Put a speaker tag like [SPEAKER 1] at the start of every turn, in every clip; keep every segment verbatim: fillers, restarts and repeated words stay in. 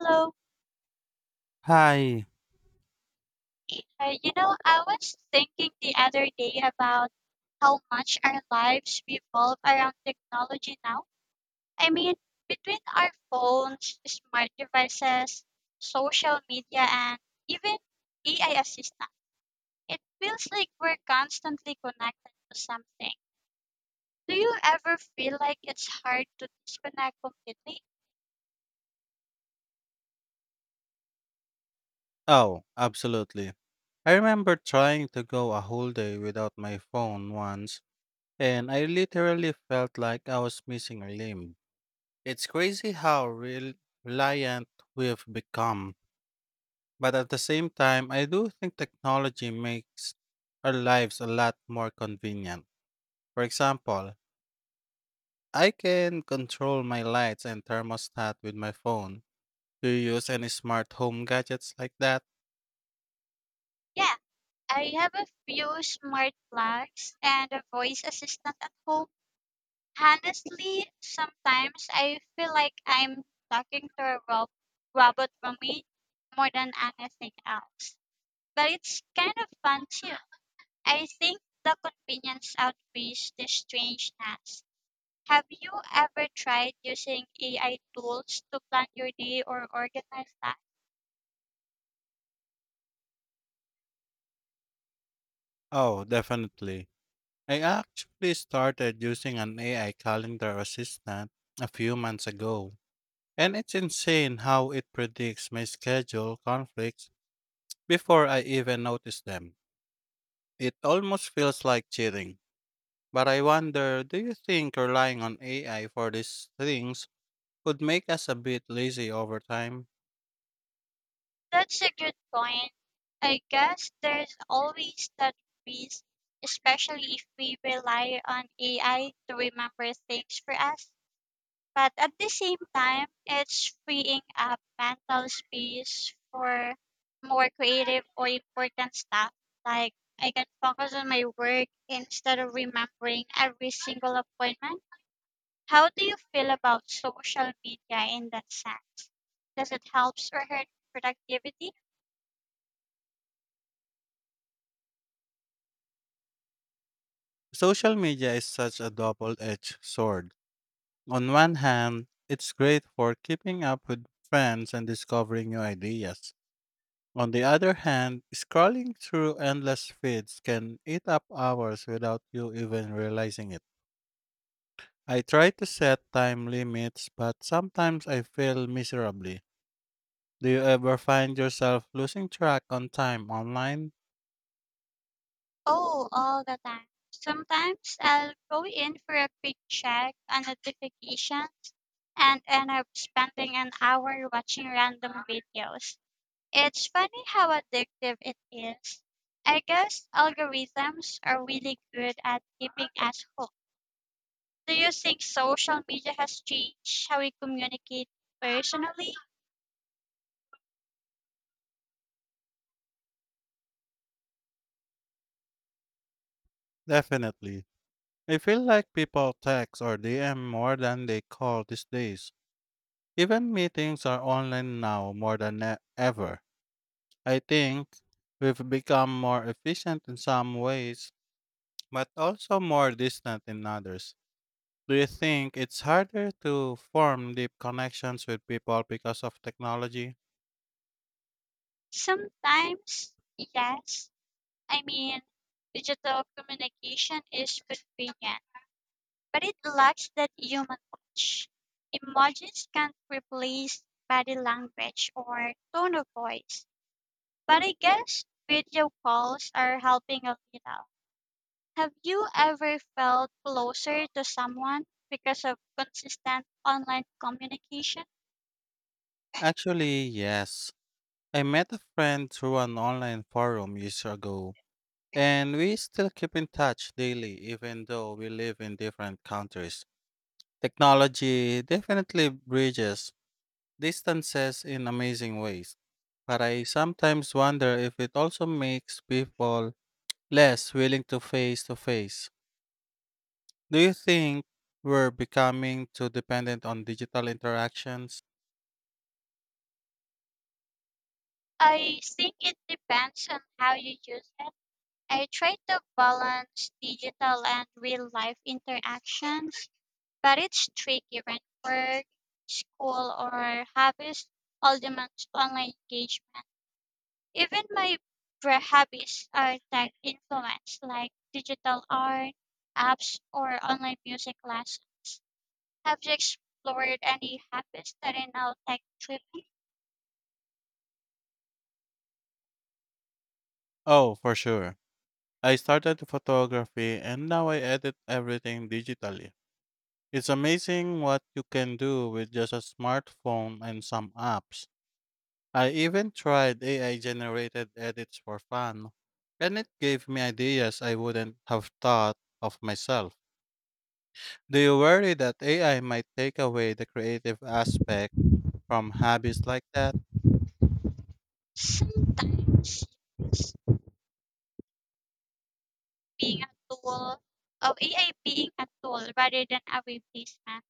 [SPEAKER 1] Hello.
[SPEAKER 2] Hi.
[SPEAKER 1] Uh, you know, I was thinking the other day about how much our lives revolve around technology now. I mean, between our phones, smart devices, social media, and even A I assistant, it feels like we're constantly connected to something. Do you ever feel like it's hard to disconnect completely?
[SPEAKER 2] Oh, absolutely. I remember trying to go a whole day without my phone once, and I literally felt like I was missing a limb. It's crazy how rel- reliant we've become, but at the same time, I do think technology makes our lives a lot more convenient. For example, I can control my lights and thermostat with my phone. Do you use any smart home gadgets like that?
[SPEAKER 1] Yeah, I have a few smart plugs and a voice assistant at home. Honestly, sometimes I feel like I'm talking to a rob- robot for me more than anything else. But it's kind of fun too. I think the convenience outweighs the strangeness. Have you ever tried using A I tools to plan your day or organize that?
[SPEAKER 2] Oh, definitely. I actually started using an A I calendar assistant a few months ago, and it's insane how it predicts my schedule conflicts before I even notice them. It almost feels like cheating. But I wonder, do you think relying on A I for these things could make us a bit lazy over time?
[SPEAKER 1] That's a good point. I guess there's always that risk, especially if we rely on A I to remember things for us. But at the same time, it's freeing up mental space for more creative or important stuff. Like I can focus on my work instead of remembering every single appointment. How do you feel about social media in that sense? Does it help or hurt productivity?
[SPEAKER 2] Social media is such a double edged sword. On one hand, it's great for keeping up with friends and discovering new ideas. On the other hand, scrolling through endless feeds can eat up hours without you even realizing it. I try to set time limits, but sometimes I fail miserably. Do you ever find yourself losing track on time online?
[SPEAKER 1] Oh, all the time. Sometimes I'll go in for a quick check on notifications and end up spending an hour watching random videos. It's funny how addictive it is. I guess algorithms are really good at keeping us hooked. Do you think social media has changed how we communicate personally?
[SPEAKER 2] Definitely. I feel like people text or D M more than they call these days. Even meetings are online now more than e- ever. I think we've become more efficient in some ways but also more distant in others. Do you think it's harder to form deep connections with people because of technology?
[SPEAKER 1] Sometimes, yes. I mean, digital communication is convenient but it lacks that human touch. Emojis can't replace body language or tone of voice, but I guess video calls are helping a little. Have you ever felt closer to someone because of consistent online communication?
[SPEAKER 2] Actually, yes. I met a friend through an online forum years ago, and we still keep in touch daily even though we live in different countries. Technology definitely bridges distances in amazing ways, but I sometimes wonder if it also makes people less willing to face to face. Do you think we're becoming too dependent on digital interactions?
[SPEAKER 1] I think it depends on how you use it. I try to balance digital and real life interactions but it's tricky when work, school, or hobbies all demand online engagement. Even my pre- hobbies are tech influenced, like digital art, apps, or online music class. Have you explored any hobbies that are now tech driven?
[SPEAKER 2] Oh, for sure. I started photography and now I edit everything digitally. It's amazing what you can do with just a smartphone and some apps. I even tried A I generated edits for fun, and it gave me ideas I wouldn't have thought of myself. Do you worry that A I might take away the creative aspect from hobbies like that?
[SPEAKER 1] Sometimes yes, being a tool, of A I being a tool rather than a replacement.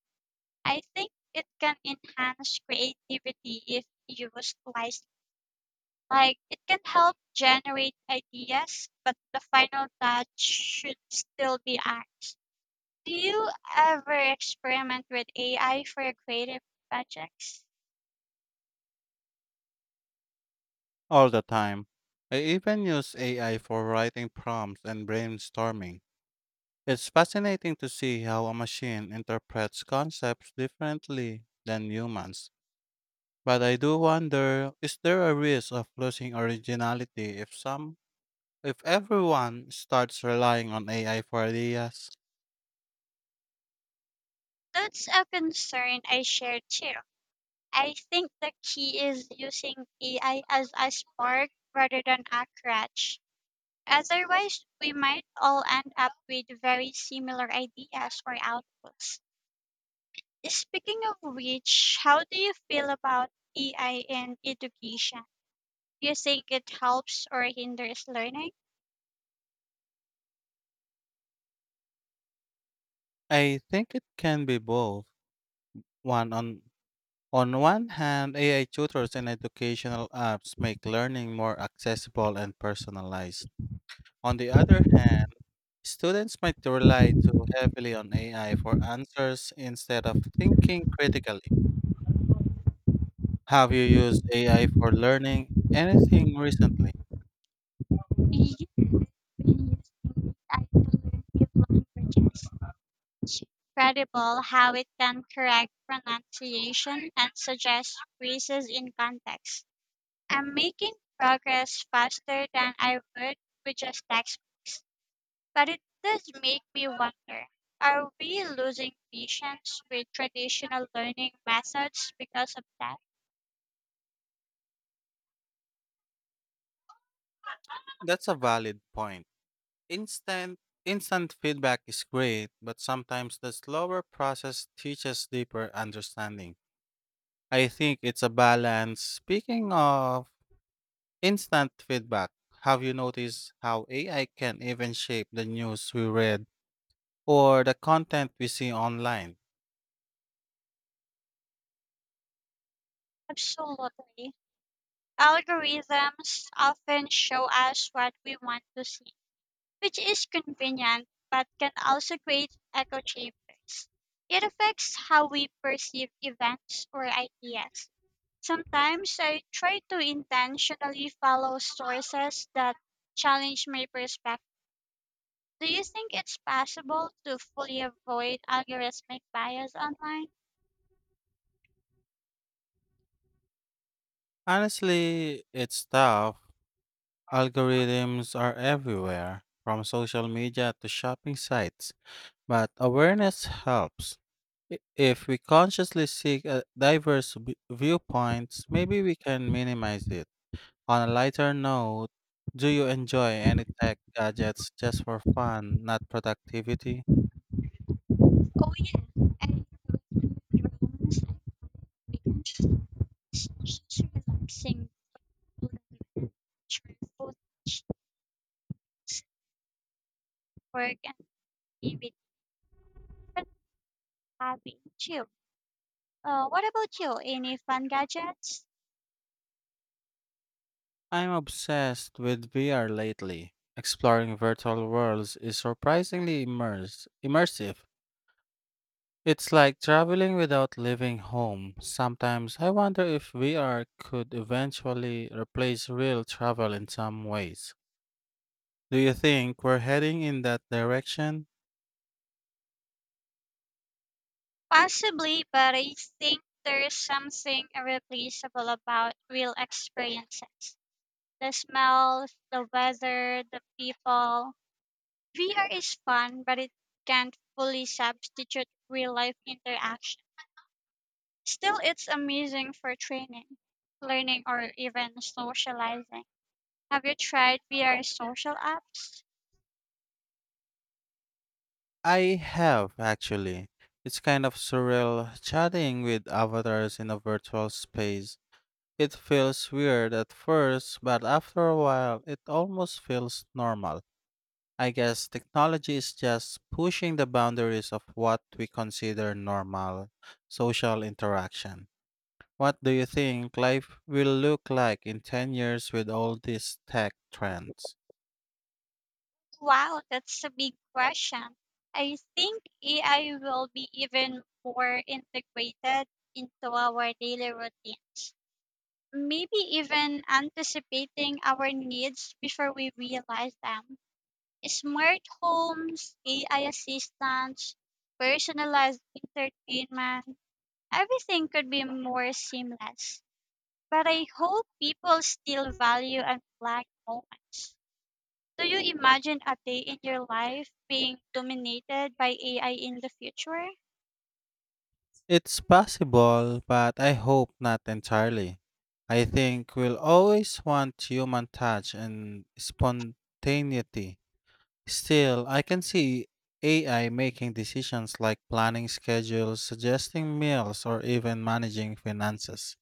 [SPEAKER 1] I think it can enhance creativity if used wisely. Like it can help generate ideas, but the final touch should still be arts. Do you ever experiment with A I for your creative projects?
[SPEAKER 2] All the time. I even use A I for writing prompts and brainstorming. It's fascinating to see how a machine interprets concepts differently than humans. But I do wonder, is there a risk of losing originality if some if everyone starts relying on A I for ideas?
[SPEAKER 1] That's a concern I share too. I think the key is using A I as a spark rather than a crutch. Otherwise, we might all end up with very similar ideas or outputs. Speaking of which, how do you feel about A I and education? Do you think it helps or hinders learning?
[SPEAKER 2] I think it can be both. One on on one hand, A I tutors and educational apps make learning more accessible and personalized. On the other hand, students might rely too heavily on A I for answers instead of thinking critically. Have you used A I for learning anything recently?
[SPEAKER 1] Yes, I using A I to learn deep languages. It's incredible how it can correct pronunciation and suggest phrases in context. I'm making progress faster than I would with just textbooks. But it does make me wonder, are we losing patience with traditional learning methods because of that?
[SPEAKER 2] That's a valid point. Instant Instant feedback is great, but sometimes the slower process teaches deeper understanding. I think it's a balance. Speaking of instant feedback, have you noticed how A I can even shape the news we read or the content we see online.
[SPEAKER 1] Absolutely. Algorithms often show us what we want to see, which is convenient but can also create echo chambers. It affects how we perceive events or ideas. Sometimes I try to intentionally follow sources that challenge my perspective. Do you think it's possible to fully avoid algorithmic bias online?
[SPEAKER 2] Honestly, it's tough. Algorithms are everywhere, from social media to shopping sites, but awareness helps. I- If we consciously seek uh, diverse vi- viewpoints, maybe we can minimize it. On a lighter note, do you enjoy any tech gadgets just for fun, not productivity?
[SPEAKER 1] Oh yeah, and drones and weekends. It's relaxing short footage, work and activity, and happy and chill. Uh, what about you? Any fun gadgets?
[SPEAKER 2] I'm obsessed with V R lately. Exploring virtual worlds is surprisingly immerse, immersive. It's like traveling without leaving home. Sometimes I wonder if V R could eventually replace real travel in some ways. Do you think we're heading in that direction?
[SPEAKER 1] Possibly, but I think there's something irreplaceable about real experiences. The smells, the weather, the people. V R is fun, but it can't fully substitute real life interaction. Still, it's amazing for training, learning, or even socializing. Have you tried V R social apps?
[SPEAKER 2] I have, actually. It's kind of surreal chatting with avatars in a virtual space. It feels weird at first, but after a while, it almost feels normal. I guess technology is just pushing the boundaries of what we consider normal social interaction. What do you think life will look like in ten years with all these tech trends?
[SPEAKER 1] Wow, that's a big question. I think A I will be even more integrated into our daily routines, maybe even anticipating our needs before we realize them. Smart homes, A I assistants, personalized entertainment, everything could be more seamless. But I hope people still value unplugged moments. Do you imagine a day in your life being dominated by A I in the future?
[SPEAKER 2] It's possible, but I hope not entirely. I think we'll always want human touch and spontaneity. Still, I can see A I making decisions like planning schedules, suggesting meals, or even managing finances.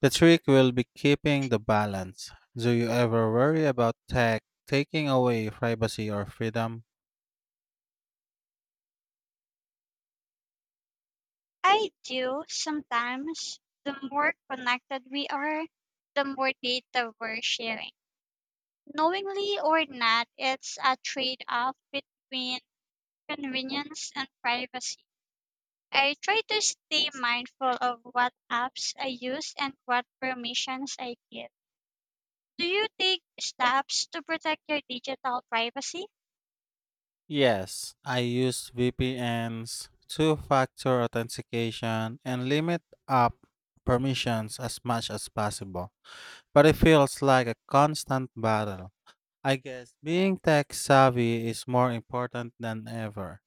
[SPEAKER 2] The trick will be keeping the balance. Do you ever worry about tech taking away privacy or freedom?
[SPEAKER 1] I do sometimes. The more connected we are, the more data we're sharing. Knowingly or not, it's a trade off between convenience and privacy. I try to stay mindful of what apps I use and what permissions I give. Do you take steps to protect your digital privacy?
[SPEAKER 2] Yes, I use V P Ns, two factor authentication, and limit app permissions as much as possible. But it feels like a constant battle. I guess being tech savvy is more important than ever.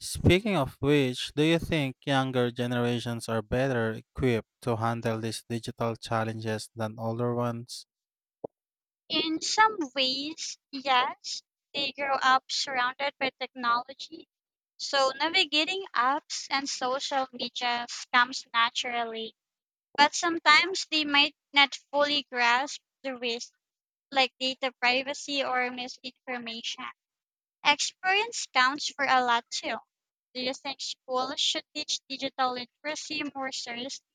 [SPEAKER 2] Speaking of which, do you think younger generations are better equipped to handle these digital challenges than older ones?
[SPEAKER 1] In some ways, yes. They grow up surrounded by technology, so navigating apps and social media comes naturally. But sometimes they might not fully grasp the risk, like data privacy or misinformation. Experience counts for a lot too. Do you think schools should teach digital literacy more seriously?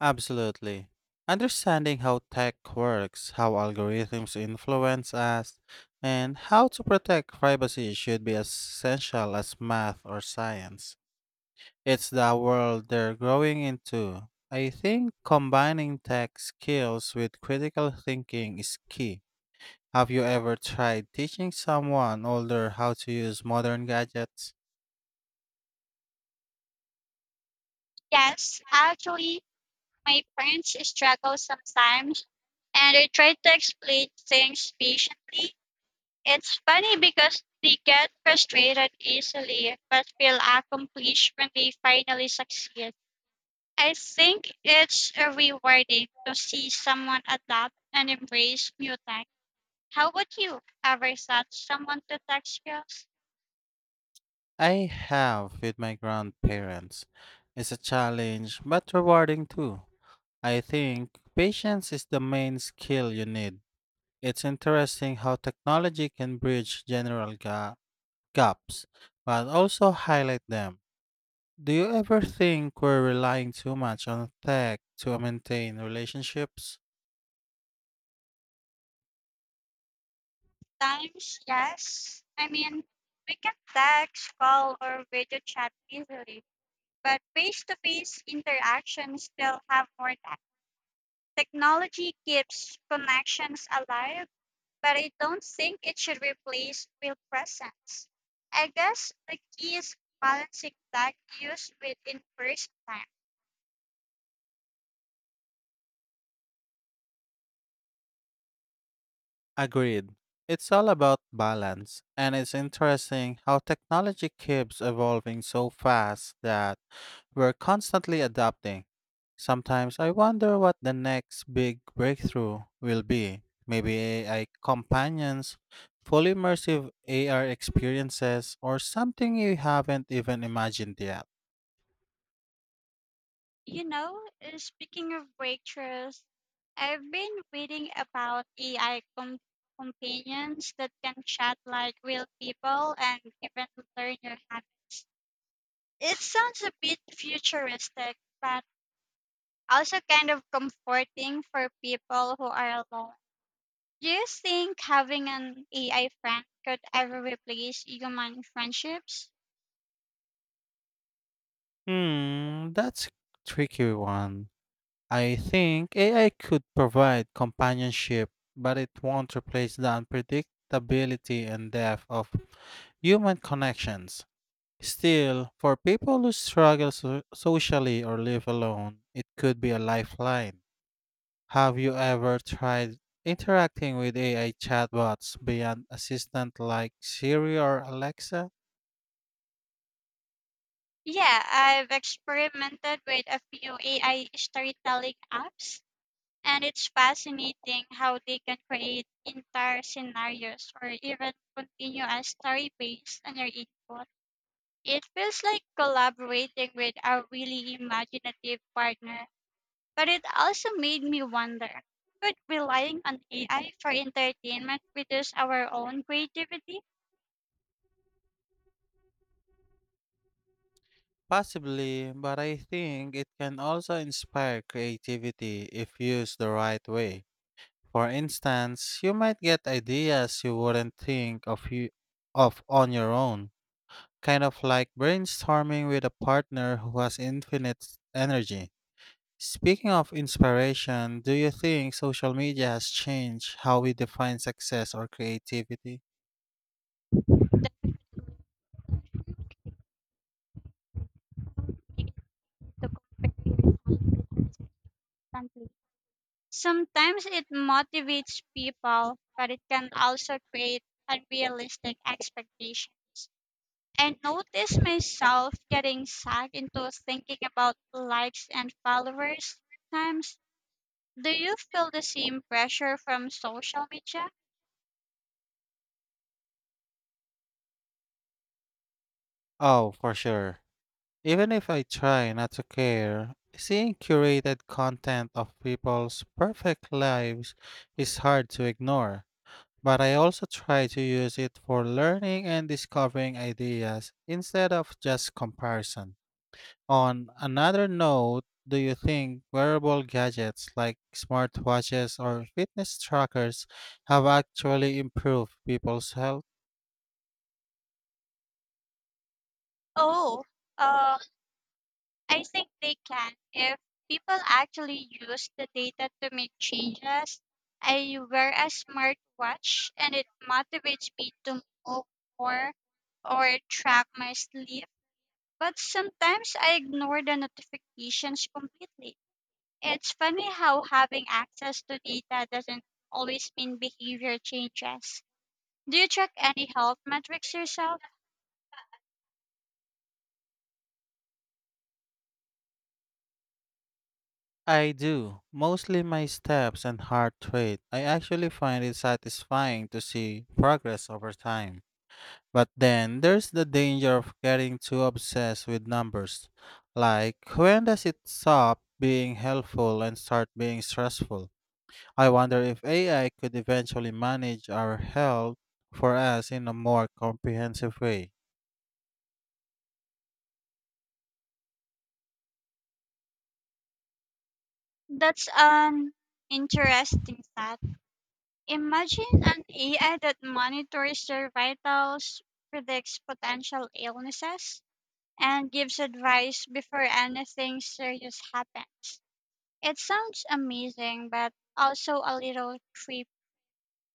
[SPEAKER 2] Absolutely. Understanding how tech works, how algorithms influence us, and how to protect privacy should be as essential as math or science. It's the world they're growing into. I think combining tech skills with critical thinking is key. Have you ever tried teaching someone older how to use modern gadgets?
[SPEAKER 1] Yes, actually, my parents struggle sometimes and they try to explain things patiently. It's funny because they get frustrated easily but feel accomplished when they finally succeed. I think it's uh, rewarding to see someone adapt and embrace new tech. How would you ever thought someone to tech skills?
[SPEAKER 2] I have with my grandparents. It's a challenge, but rewarding too. I think patience is the main skill you need. It's interesting how technology can bridge general ga- gaps, but also highlight them. Do you ever think we're relying too much on tech to maintain relationships?
[SPEAKER 1] Sometimes, yes. I mean, we can text, call, or video chat easily, but face to face interactions still have more depth. Technology keeps connections alive, but I don't think it should replace real presence. I guess the key is balancing tech use with in person time.
[SPEAKER 2] Agreed. It's all about balance, and it's interesting how technology keeps evolving so fast that we're constantly adapting. Sometimes I wonder what the next big breakthrough will be. Maybe A I companions, fully immersive A R experiences, or something you haven't even imagined yet.
[SPEAKER 1] You know, uh, speaking of breakthroughs, I've been reading about A I com- companions that can chat like real people and even learn your habits. It sounds a bit futuristic, but also kind of comforting for people who are alone. Do you think having an A I friend could ever replace human friendships?
[SPEAKER 2] Hmm, that's a tricky one. I think A I could provide companionship, but it won't replace the unpredictability and depth of human connections. Still, for people who struggle so- socially or live alone, it could be a lifeline. Have you ever tried interacting with A I chatbots beyond assistant like Siri or Alexa?
[SPEAKER 1] Yeah, I've experimented with a few A I storytelling apps. And it's fascinating how they can create entire scenarios or even continuous story based on your input. It feels like collaborating with a really imaginative partner, but it also made me wonder, could relying on A I for entertainment reduce our own creativity?
[SPEAKER 2] Possibly, but I think it can also inspire creativity if used the right way. For instance, you might get ideas you wouldn't think of you, of on your own, kind of like brainstorming with a partner who has infinite energy. Speaking of inspiration, do you think social media has changed how we define success or creativity?
[SPEAKER 1] The- to compare yourself with others constantly. Sometimes it motivates people, but it can also create unrealistic expectations. I notice myself getting sucked into thinking about likes and followers. Times, do you feel the same pressure from social media?
[SPEAKER 2] Oh, for sure. Even if I try not to care, seeing curated content of people's perfect lives is hard to ignore. But I also try to use it for learning and discovering ideas instead of just comparison. On another note, do you think wearable gadgets like smartwatches or fitness trackers have actually improved people's health?
[SPEAKER 1] Oh, uh, I think they can if people actually use the data to make changes. I wear a smartwatch and it motivates me to move more or track my sleep, but sometimes I ignore the notifications completely. It's funny how having access to data doesn't always mean behavior changes. Do you track any health metrics yourself?
[SPEAKER 2] I do, mostly my steps and heart rate. I actually find it satisfying to see progress over time. But then there's the danger of getting too obsessed with numbers. Like, when does it stop being helpful and start being stressful? I wonder if A I could eventually manage our health for us in a more comprehensive way.
[SPEAKER 1] That's an interesting thought. Imagine an A I that monitors your vitals, predicts potential illnesses, and gives advice before anything serious happens. It sounds amazing, but also a little creepy.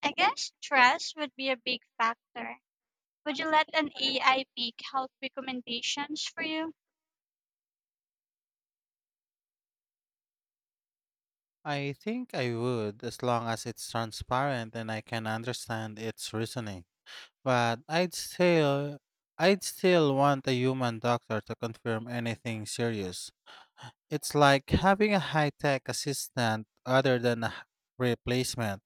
[SPEAKER 1] I guess stress would be a big factor. Would you let an A I make health recommendations for you?
[SPEAKER 2] I think I would, as long as it's transparent and I can understand its reasoning. But I'd still, I'd still want a human doctor to confirm anything serious. It's like having a high tech assistant other than a h- replacement.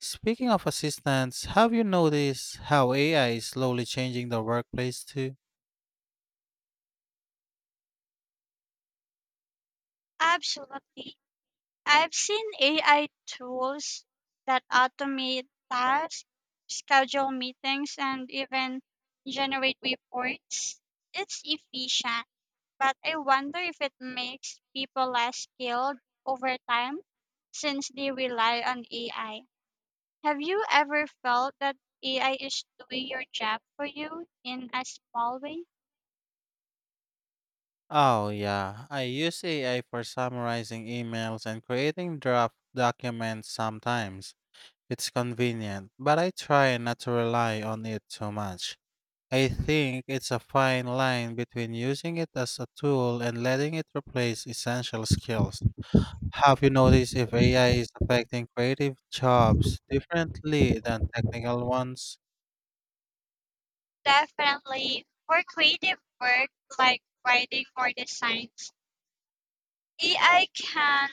[SPEAKER 2] Speaking of assistants, have you noticed how A I is slowly changing the workplace too?
[SPEAKER 1] Absolutely. I've seen A I tools that automate tasks, schedule meetings, and even generate reports. It's efficient, but I wonder if it makes people less skilled over time since they rely on A I. Have you ever felt that A I is doing your job for you in a small way?
[SPEAKER 2] Oh, yeah. I use A I for summarizing emails and creating draft documents sometimes. It's convenient, but I try not to rely on it too much. I think it's a fine line between using it as a tool and letting it replace essential skills. Have you noticed if A I is affecting creative jobs differently than technical ones?
[SPEAKER 1] Definitely. For creative work like writing or designs, A I can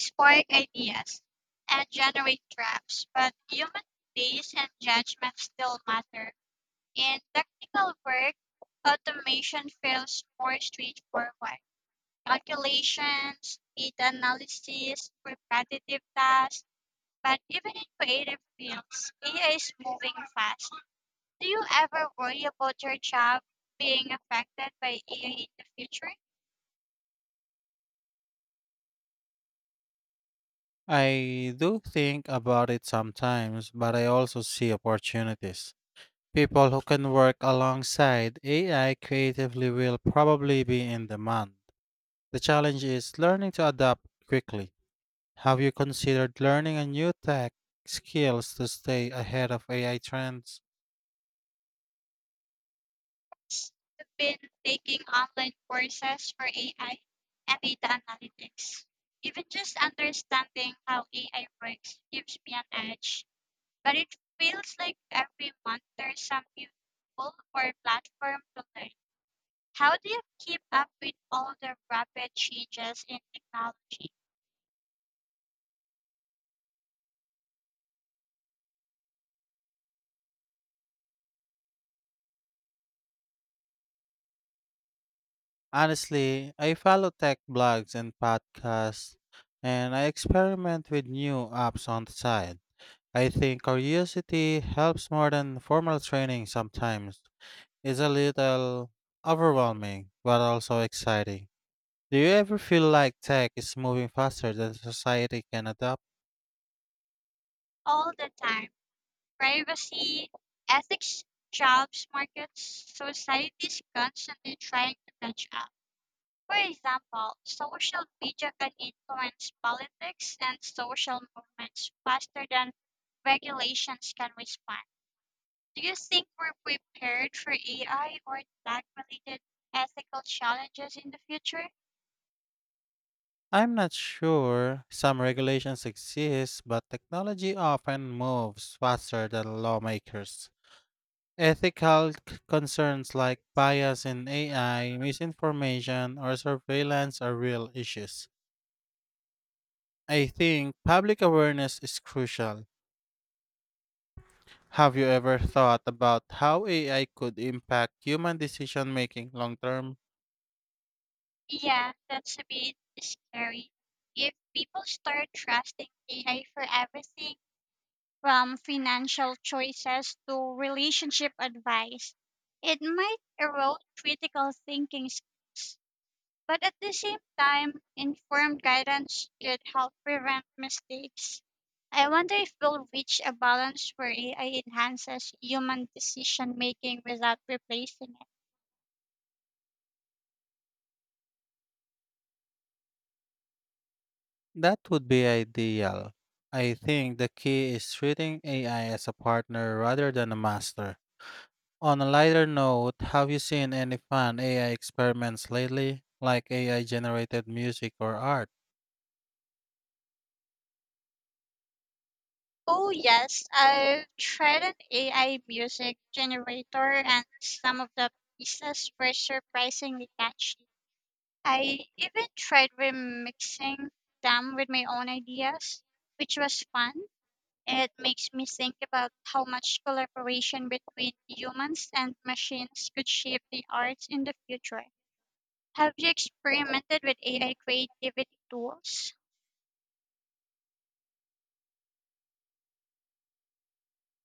[SPEAKER 1] spark ideas, and generate drafts, but human pace and judgment still matter. In technical work, automation feels more straightforward. Calculations, data analysis, repetitive tasks, but even in creative fields, A I is moving fast. Do you ever worry about your job being affected by A I in the future?
[SPEAKER 2] I do think about it sometimes, but I also see opportunities. People who can work alongside A I creatively will probably be in demand. The challenge is learning to adapt quickly. Have you considered learning a new tech skills to stay ahead of A I trends?
[SPEAKER 1] I've been taking online courses for A I and data analytics. Even just understanding how A I works gives me an edge, but it feels like every month there's some new tool or platform to learn. How do you keep up with all the rapid changes in technology?
[SPEAKER 2] Honestly, I follow tech blogs and podcasts, and I experiment with new apps on the side. I think curiosity helps more than formal training sometimes. It's a little overwhelming, but also exciting. Do you ever feel like tech is moving faster than society can adapt?
[SPEAKER 1] All the time. Privacy, ethics, jobs, markets, society is constantly trying to catch up. For example, social media can influence politics and social movements faster than regulations can respond. Do you think we're prepared for A I or tech related ethical challenges in the future?
[SPEAKER 2] I'm not sure. Some regulations exist, but technology often moves faster than lawmakers. Ethical c- concerns like bias in A I, misinformation, or surveillance are real issues. I think public awareness is crucial. Have you ever thought about how A I could impact human decision making long term?
[SPEAKER 1] Yeah, that's a bit scary. If people start trusting A I for everything from financial choices to relationship advice, it might erode critical thinking skills. But at the same time, informed guidance could help prevent mistakes. I wonder if we'll reach a balance where A I enhances human decision making without replacing it.
[SPEAKER 2] That would be ideal. I think the key is treating A I as a partner rather than a master. On a lighter note, have you seen any fun A I experiments lately, like A I generated music or art?
[SPEAKER 1] Oh, yes, I've tried an A I music generator, and some of the pieces were surprisingly catchy. I even tried remixing them with my own ideas, which was fun. It makes me think about how much collaboration between humans and machines could shape the arts in the future. Have you experimented with A I creativity tools?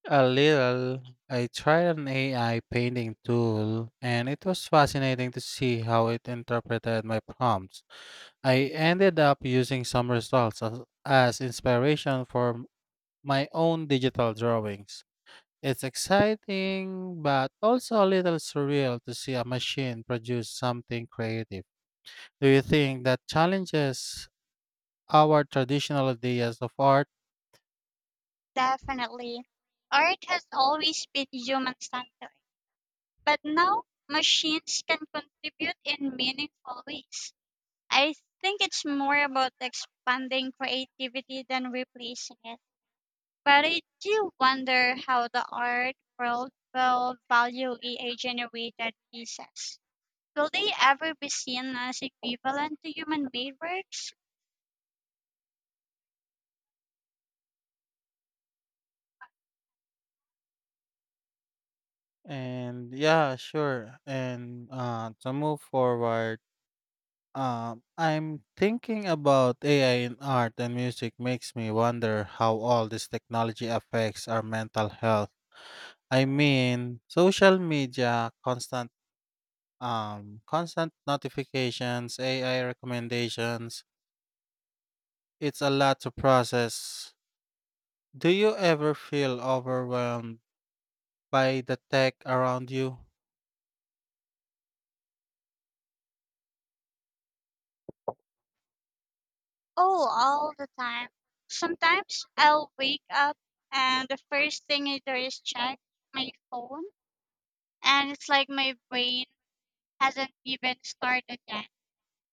[SPEAKER 2] A little. I tried an A I painting tool, and it was fascinating to see how it interpreted my prompts. I ended up using some results as, as inspiration for m- my own digital drawings. It's exciting, but also a little surreal to see a machine produce something creative. Do you think that challenges our traditional ideas of art?
[SPEAKER 1] Definitely. Art has always been human centered, but now machines can contribute in meaningful ways. I think it's more about expanding creativity than replacing it. But I do wonder how the art world will value A I generated pieces. Will they ever be seen as equivalent to human made works?
[SPEAKER 2] And yeah, sure. And uh, to move forward, Um, I'm thinking about A I in art and music makes me wonder how all this technology affects our mental health. I mean, social media, constant um constant notifications, A I recommendations. It's a lot to process. Do you ever feel overwhelmed by the tech around you?
[SPEAKER 1] Oh, all the time. Sometimes I'll wake up and the first thing I do is check my phone, and it's like my brain hasn't even started yet.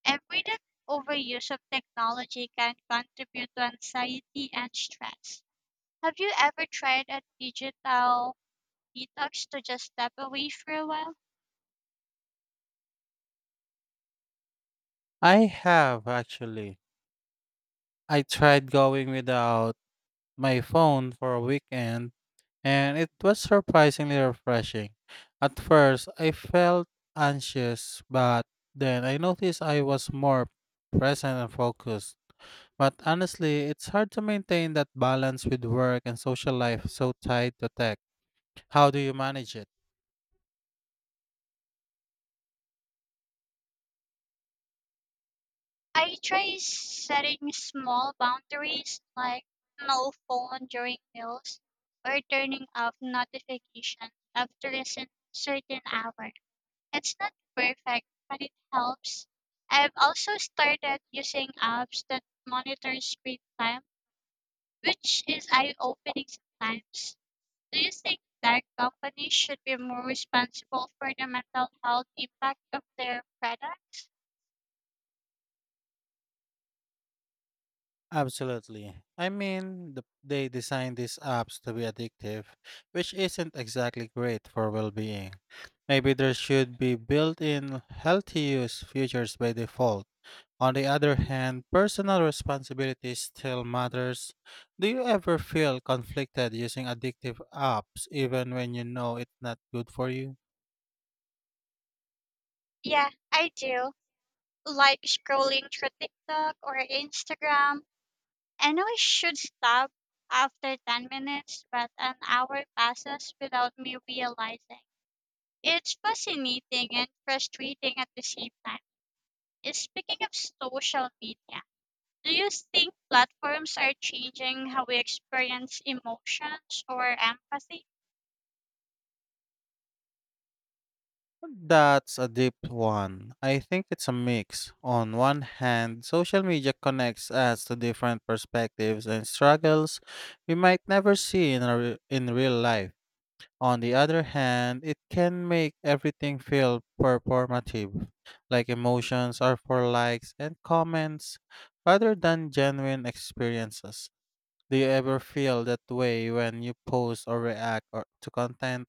[SPEAKER 1] Everyday overuse of technology can contribute to anxiety and stress. Have you ever tried a digital detox to just step away for a while?
[SPEAKER 2] I have actually. I tried going without my phone for a weekend, and it was surprisingly refreshing. At first, I felt anxious, but then I noticed I was more present and focused. But honestly, it's hard to maintain that balance with work and social life so tied to tech. How do you manage it?
[SPEAKER 1] I try setting small boundaries like no phone during meals or turning off notifications after a cer- certain hour. It's not perfect, but it helps. I've also started using apps that monitor screen time, which is eye-opening sometimes. Do you think that companies should be more responsible for the mental health impact of their products?
[SPEAKER 2] Absolutely. I mean, the, they designed these apps to be addictive, which isn't exactly great for well being. Maybe there should be built in healthy use features by default. On the other hand, personal responsibility still matters. Do you ever feel conflicted using addictive apps even when you know it's not good for you?
[SPEAKER 1] Yeah, I do. Like scrolling through TikTok or Instagram. I know I should stop after ten minutes, but an hour passes without me realizing. It's fascinating and frustrating at the same time. Uh, Speaking of social media, do you think platforms are changing how we experience emotions or empathy?
[SPEAKER 2] That's a deep one. I think it's a mix. On one hand, social media connects us to different perspectives and struggles we might never see in, our, in real life. On the other hand, it can make everything feel performative, like emotions are for likes and comments rather than genuine experiences. Do you ever feel that way when you post or react or to content?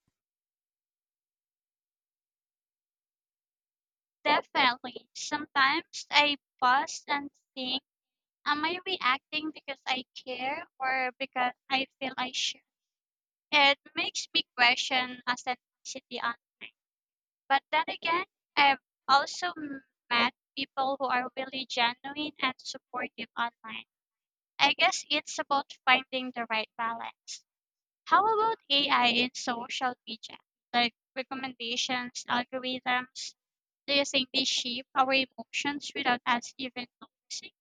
[SPEAKER 1] Definitely. Sometimes I pause and think, am I reacting because I care or because I feel I should? It makes me question authenticity online. But then again, I've also m- met people who are really genuine and supportive online. I guess it's about finding the right balance. How about A I in social media? Like recommendations, algorithms? Do you think they shape our emotions without us even noticing?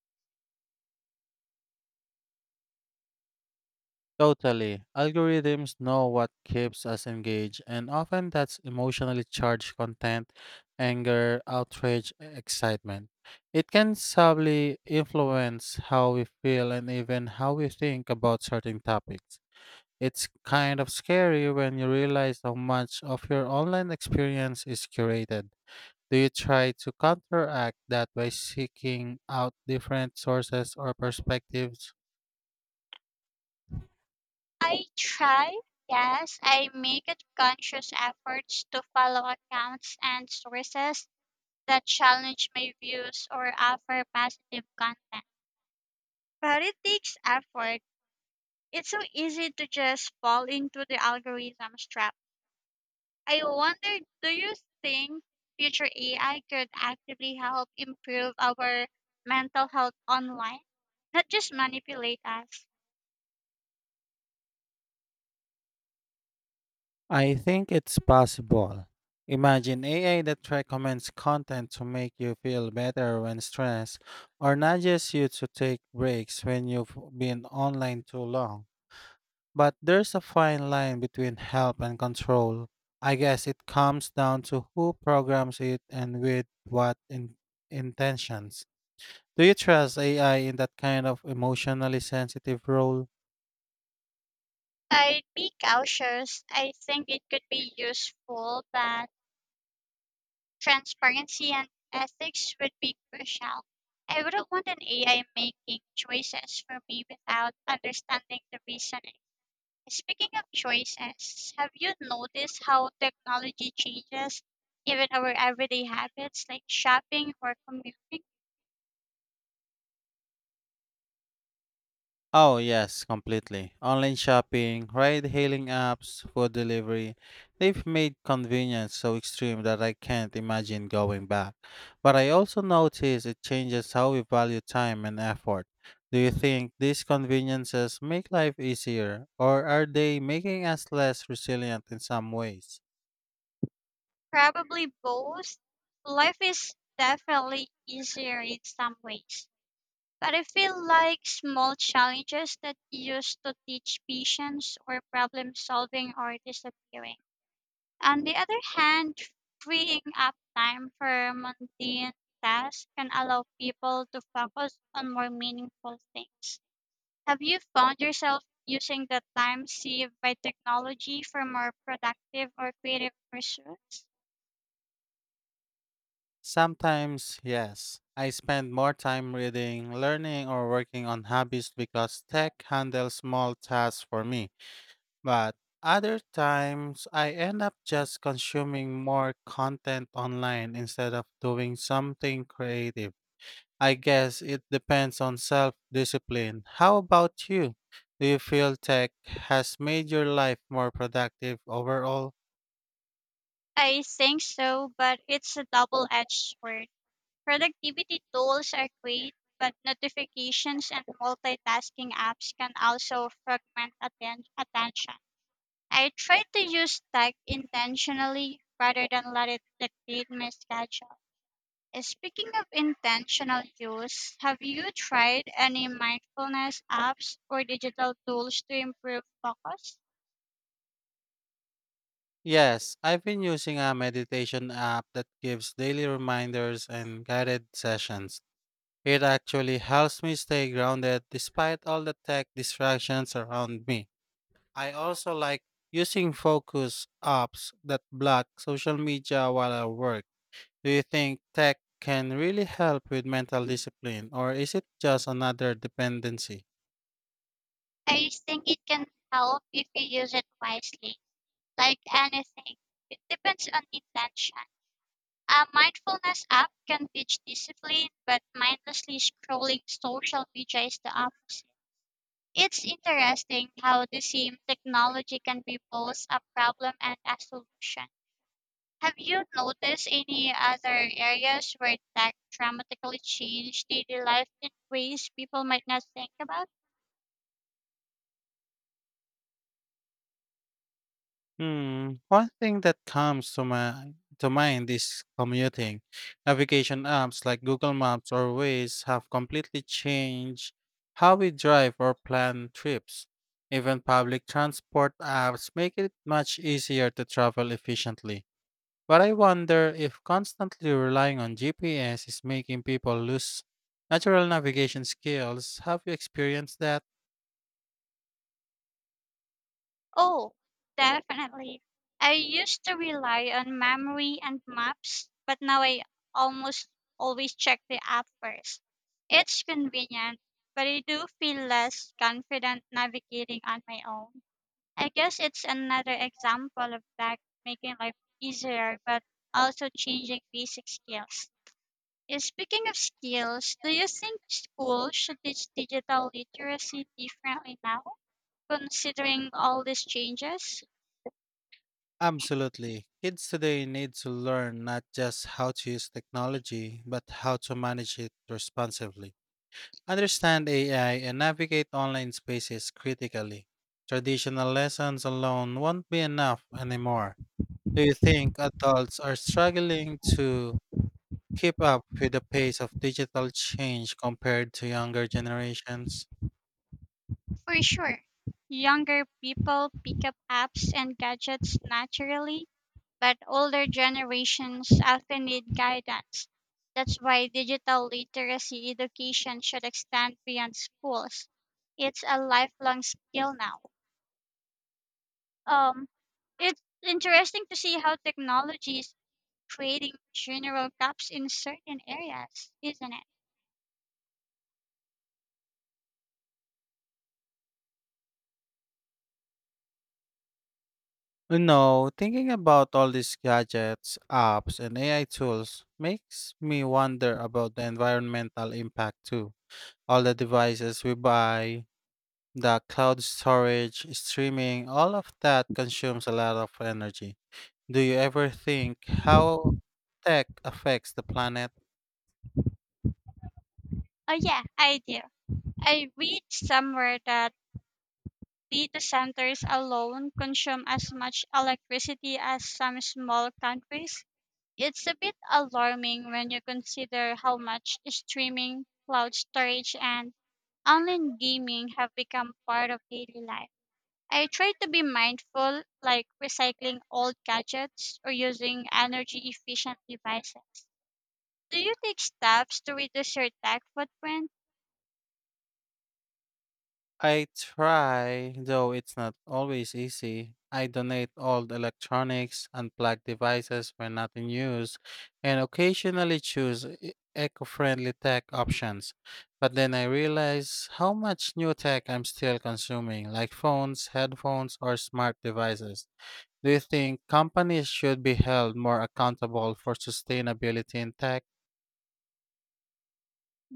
[SPEAKER 2] Totally. Algorithms know what keeps us engaged, and often that's emotionally charged content, anger, outrage, e- excitement. It can subtly influence how we feel and even how we think about certain topics. It's kind of scary when you realize how much of your online experience is curated. Do you try to counteract that by seeking out different sources or perspectives?
[SPEAKER 1] I try, yes. I make a conscious efforts to follow accounts and sources that challenge my views or offer positive content. But it takes effort. It's so easy to just fall into the algorithm's trap. I wonder, do you think future A I could actively help improve our mental health online? Not just manipulate us.
[SPEAKER 2] I think it's possible. Imagine A I that recommends content to make you feel better when stressed, or nudges you to take breaks when you've been online too long. But there's a fine line between help and control. I guess it comes down to who programs it and with what in- intentions. Do you trust A I in that kind of emotionally sensitive role?
[SPEAKER 1] I'd be cautious. I think it could be useful, but transparency and ethics would be crucial. I wouldn't want an A I making choices for me without understanding the reasoning. Speaking of choices, have you noticed how technology changes even our everyday habits like shopping or commuting?
[SPEAKER 2] Oh, yes, completely. Online shopping, ride hailing apps, food delivery, they've made convenience so extreme that I can't imagine going back. But I also notice it changes how we value time and effort. Do you think these conveniences make life easier, or are they making us less resilient in some ways?
[SPEAKER 1] Probably both. Life is definitely easier in some ways. But I feel like small challenges that used to teach patience or problem solving are disappearing. On the other hand, freeing up time for mundane tasks can allow people to focus on more meaningful things. Have you found yourself using the time saved by technology for more productive or creative pursuits?
[SPEAKER 2] Sometimes, yes. I spend more time reading, learning, or working on hobbies because tech handles small tasks for me. But other times, I end up just consuming more content online instead of doing something creative. I guess it depends on self discipline. How about you? Do you feel tech has made your life more productive overall?
[SPEAKER 1] I think so, but it's a double edged sword. Productivity tools are great, but notifications and multitasking apps can also fragment atten- attention. I try to use tech intentionally rather than let it dictate my schedule. Uh, Speaking of intentional use, have you tried any mindfulness apps or digital tools to improve focus?
[SPEAKER 2] Yes, I've been using a meditation app that gives daily reminders and guided sessions. It actually helps me stay grounded despite all the tech distractions around me. I also like using focus apps that block social media while I work. Do you think tech can really help with mental discipline, or is it just another dependency?
[SPEAKER 1] I think it can help if you use it wisely. Like anything, it depends on intention. A mindfulness app can teach discipline, but mindlessly scrolling social media is the opposite. It's interesting how the same technology can be both a problem and a solution. Have you noticed any other areas where tech dramatically changed daily life in ways people might not think about?
[SPEAKER 2] Hmm. One thing that comes to my to mind is commuting. Navigation apps like Google Maps or Waze have completely changed how we drive or plan trips. Even public transport apps make it much easier to travel efficiently. But I wonder if constantly relying on G P S is making people lose natural navigation skills. Have you experienced that?
[SPEAKER 1] Oh, definitely. I used to rely on memory and maps, but now I almost always check the app first. It's convenient, but I do feel less confident navigating on my own. I guess it's another example of tech making life easier, but also changing basic skills. Eh, Speaking of skills, do you think schools should teach digital literacy differently now, considering all these changes?
[SPEAKER 2] Absolutely. Kids today need to learn not just how to use technology, but how to manage it responsibly. Understand A I and navigate online spaces critically. Traditional lessons alone won't be enough anymore. Do you think adults are struggling to keep up with the pace of digital change compared to younger generations?
[SPEAKER 1] For sure. Younger people pick up apps and gadgets naturally, but older generations often need guidance. That's why digital literacy education should extend beyond schools. It's a lifelong skill now. Um, it's interesting to see how technology is creating general gaps in certain areas, isn't it?
[SPEAKER 2] You know, thinking about all these gadgets, apps, and A I tools makes me wonder about the environmental impact too. All the devices we buy, the cloud storage, streaming, all of that consumes a lot of energy. Do you ever think how tech affects the planet?
[SPEAKER 1] Oh, yeah, I do. I read somewhere that data centers alone consume as much electricity as some small countries. It's a bit alarming when you consider how much streaming, cloud storage, and online gaming have become part of daily life. I try to be mindful, like recycling old gadgets or using energy efficient devices. Do you take steps to reduce your tech footprint?
[SPEAKER 2] I try, though it's not always easy. I donate old electronics, unplug devices when not in use, and occasionally choose e- eco-friendly tech options. But then I realize how much new tech I'm still consuming, like phones, headphones, or smart devices. Do you think companies should be held more accountable for sustainability in tech?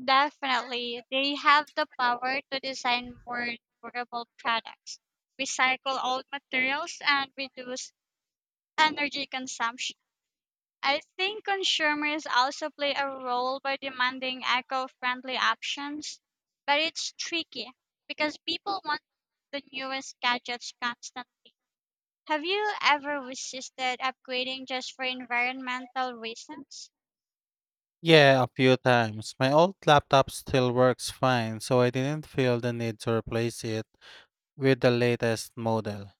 [SPEAKER 1] Definitely. They have the power to design more durable products, recycle old materials, and reduce energy consumption. I think consumers also play a role by demanding eco-friendly options, but it's tricky because people want the newest gadgets constantly. Have you ever resisted upgrading just for environmental reasons?
[SPEAKER 2] Yeah, a few times. My old laptop still works fine, so I didn't feel the need to replace it with the latest model.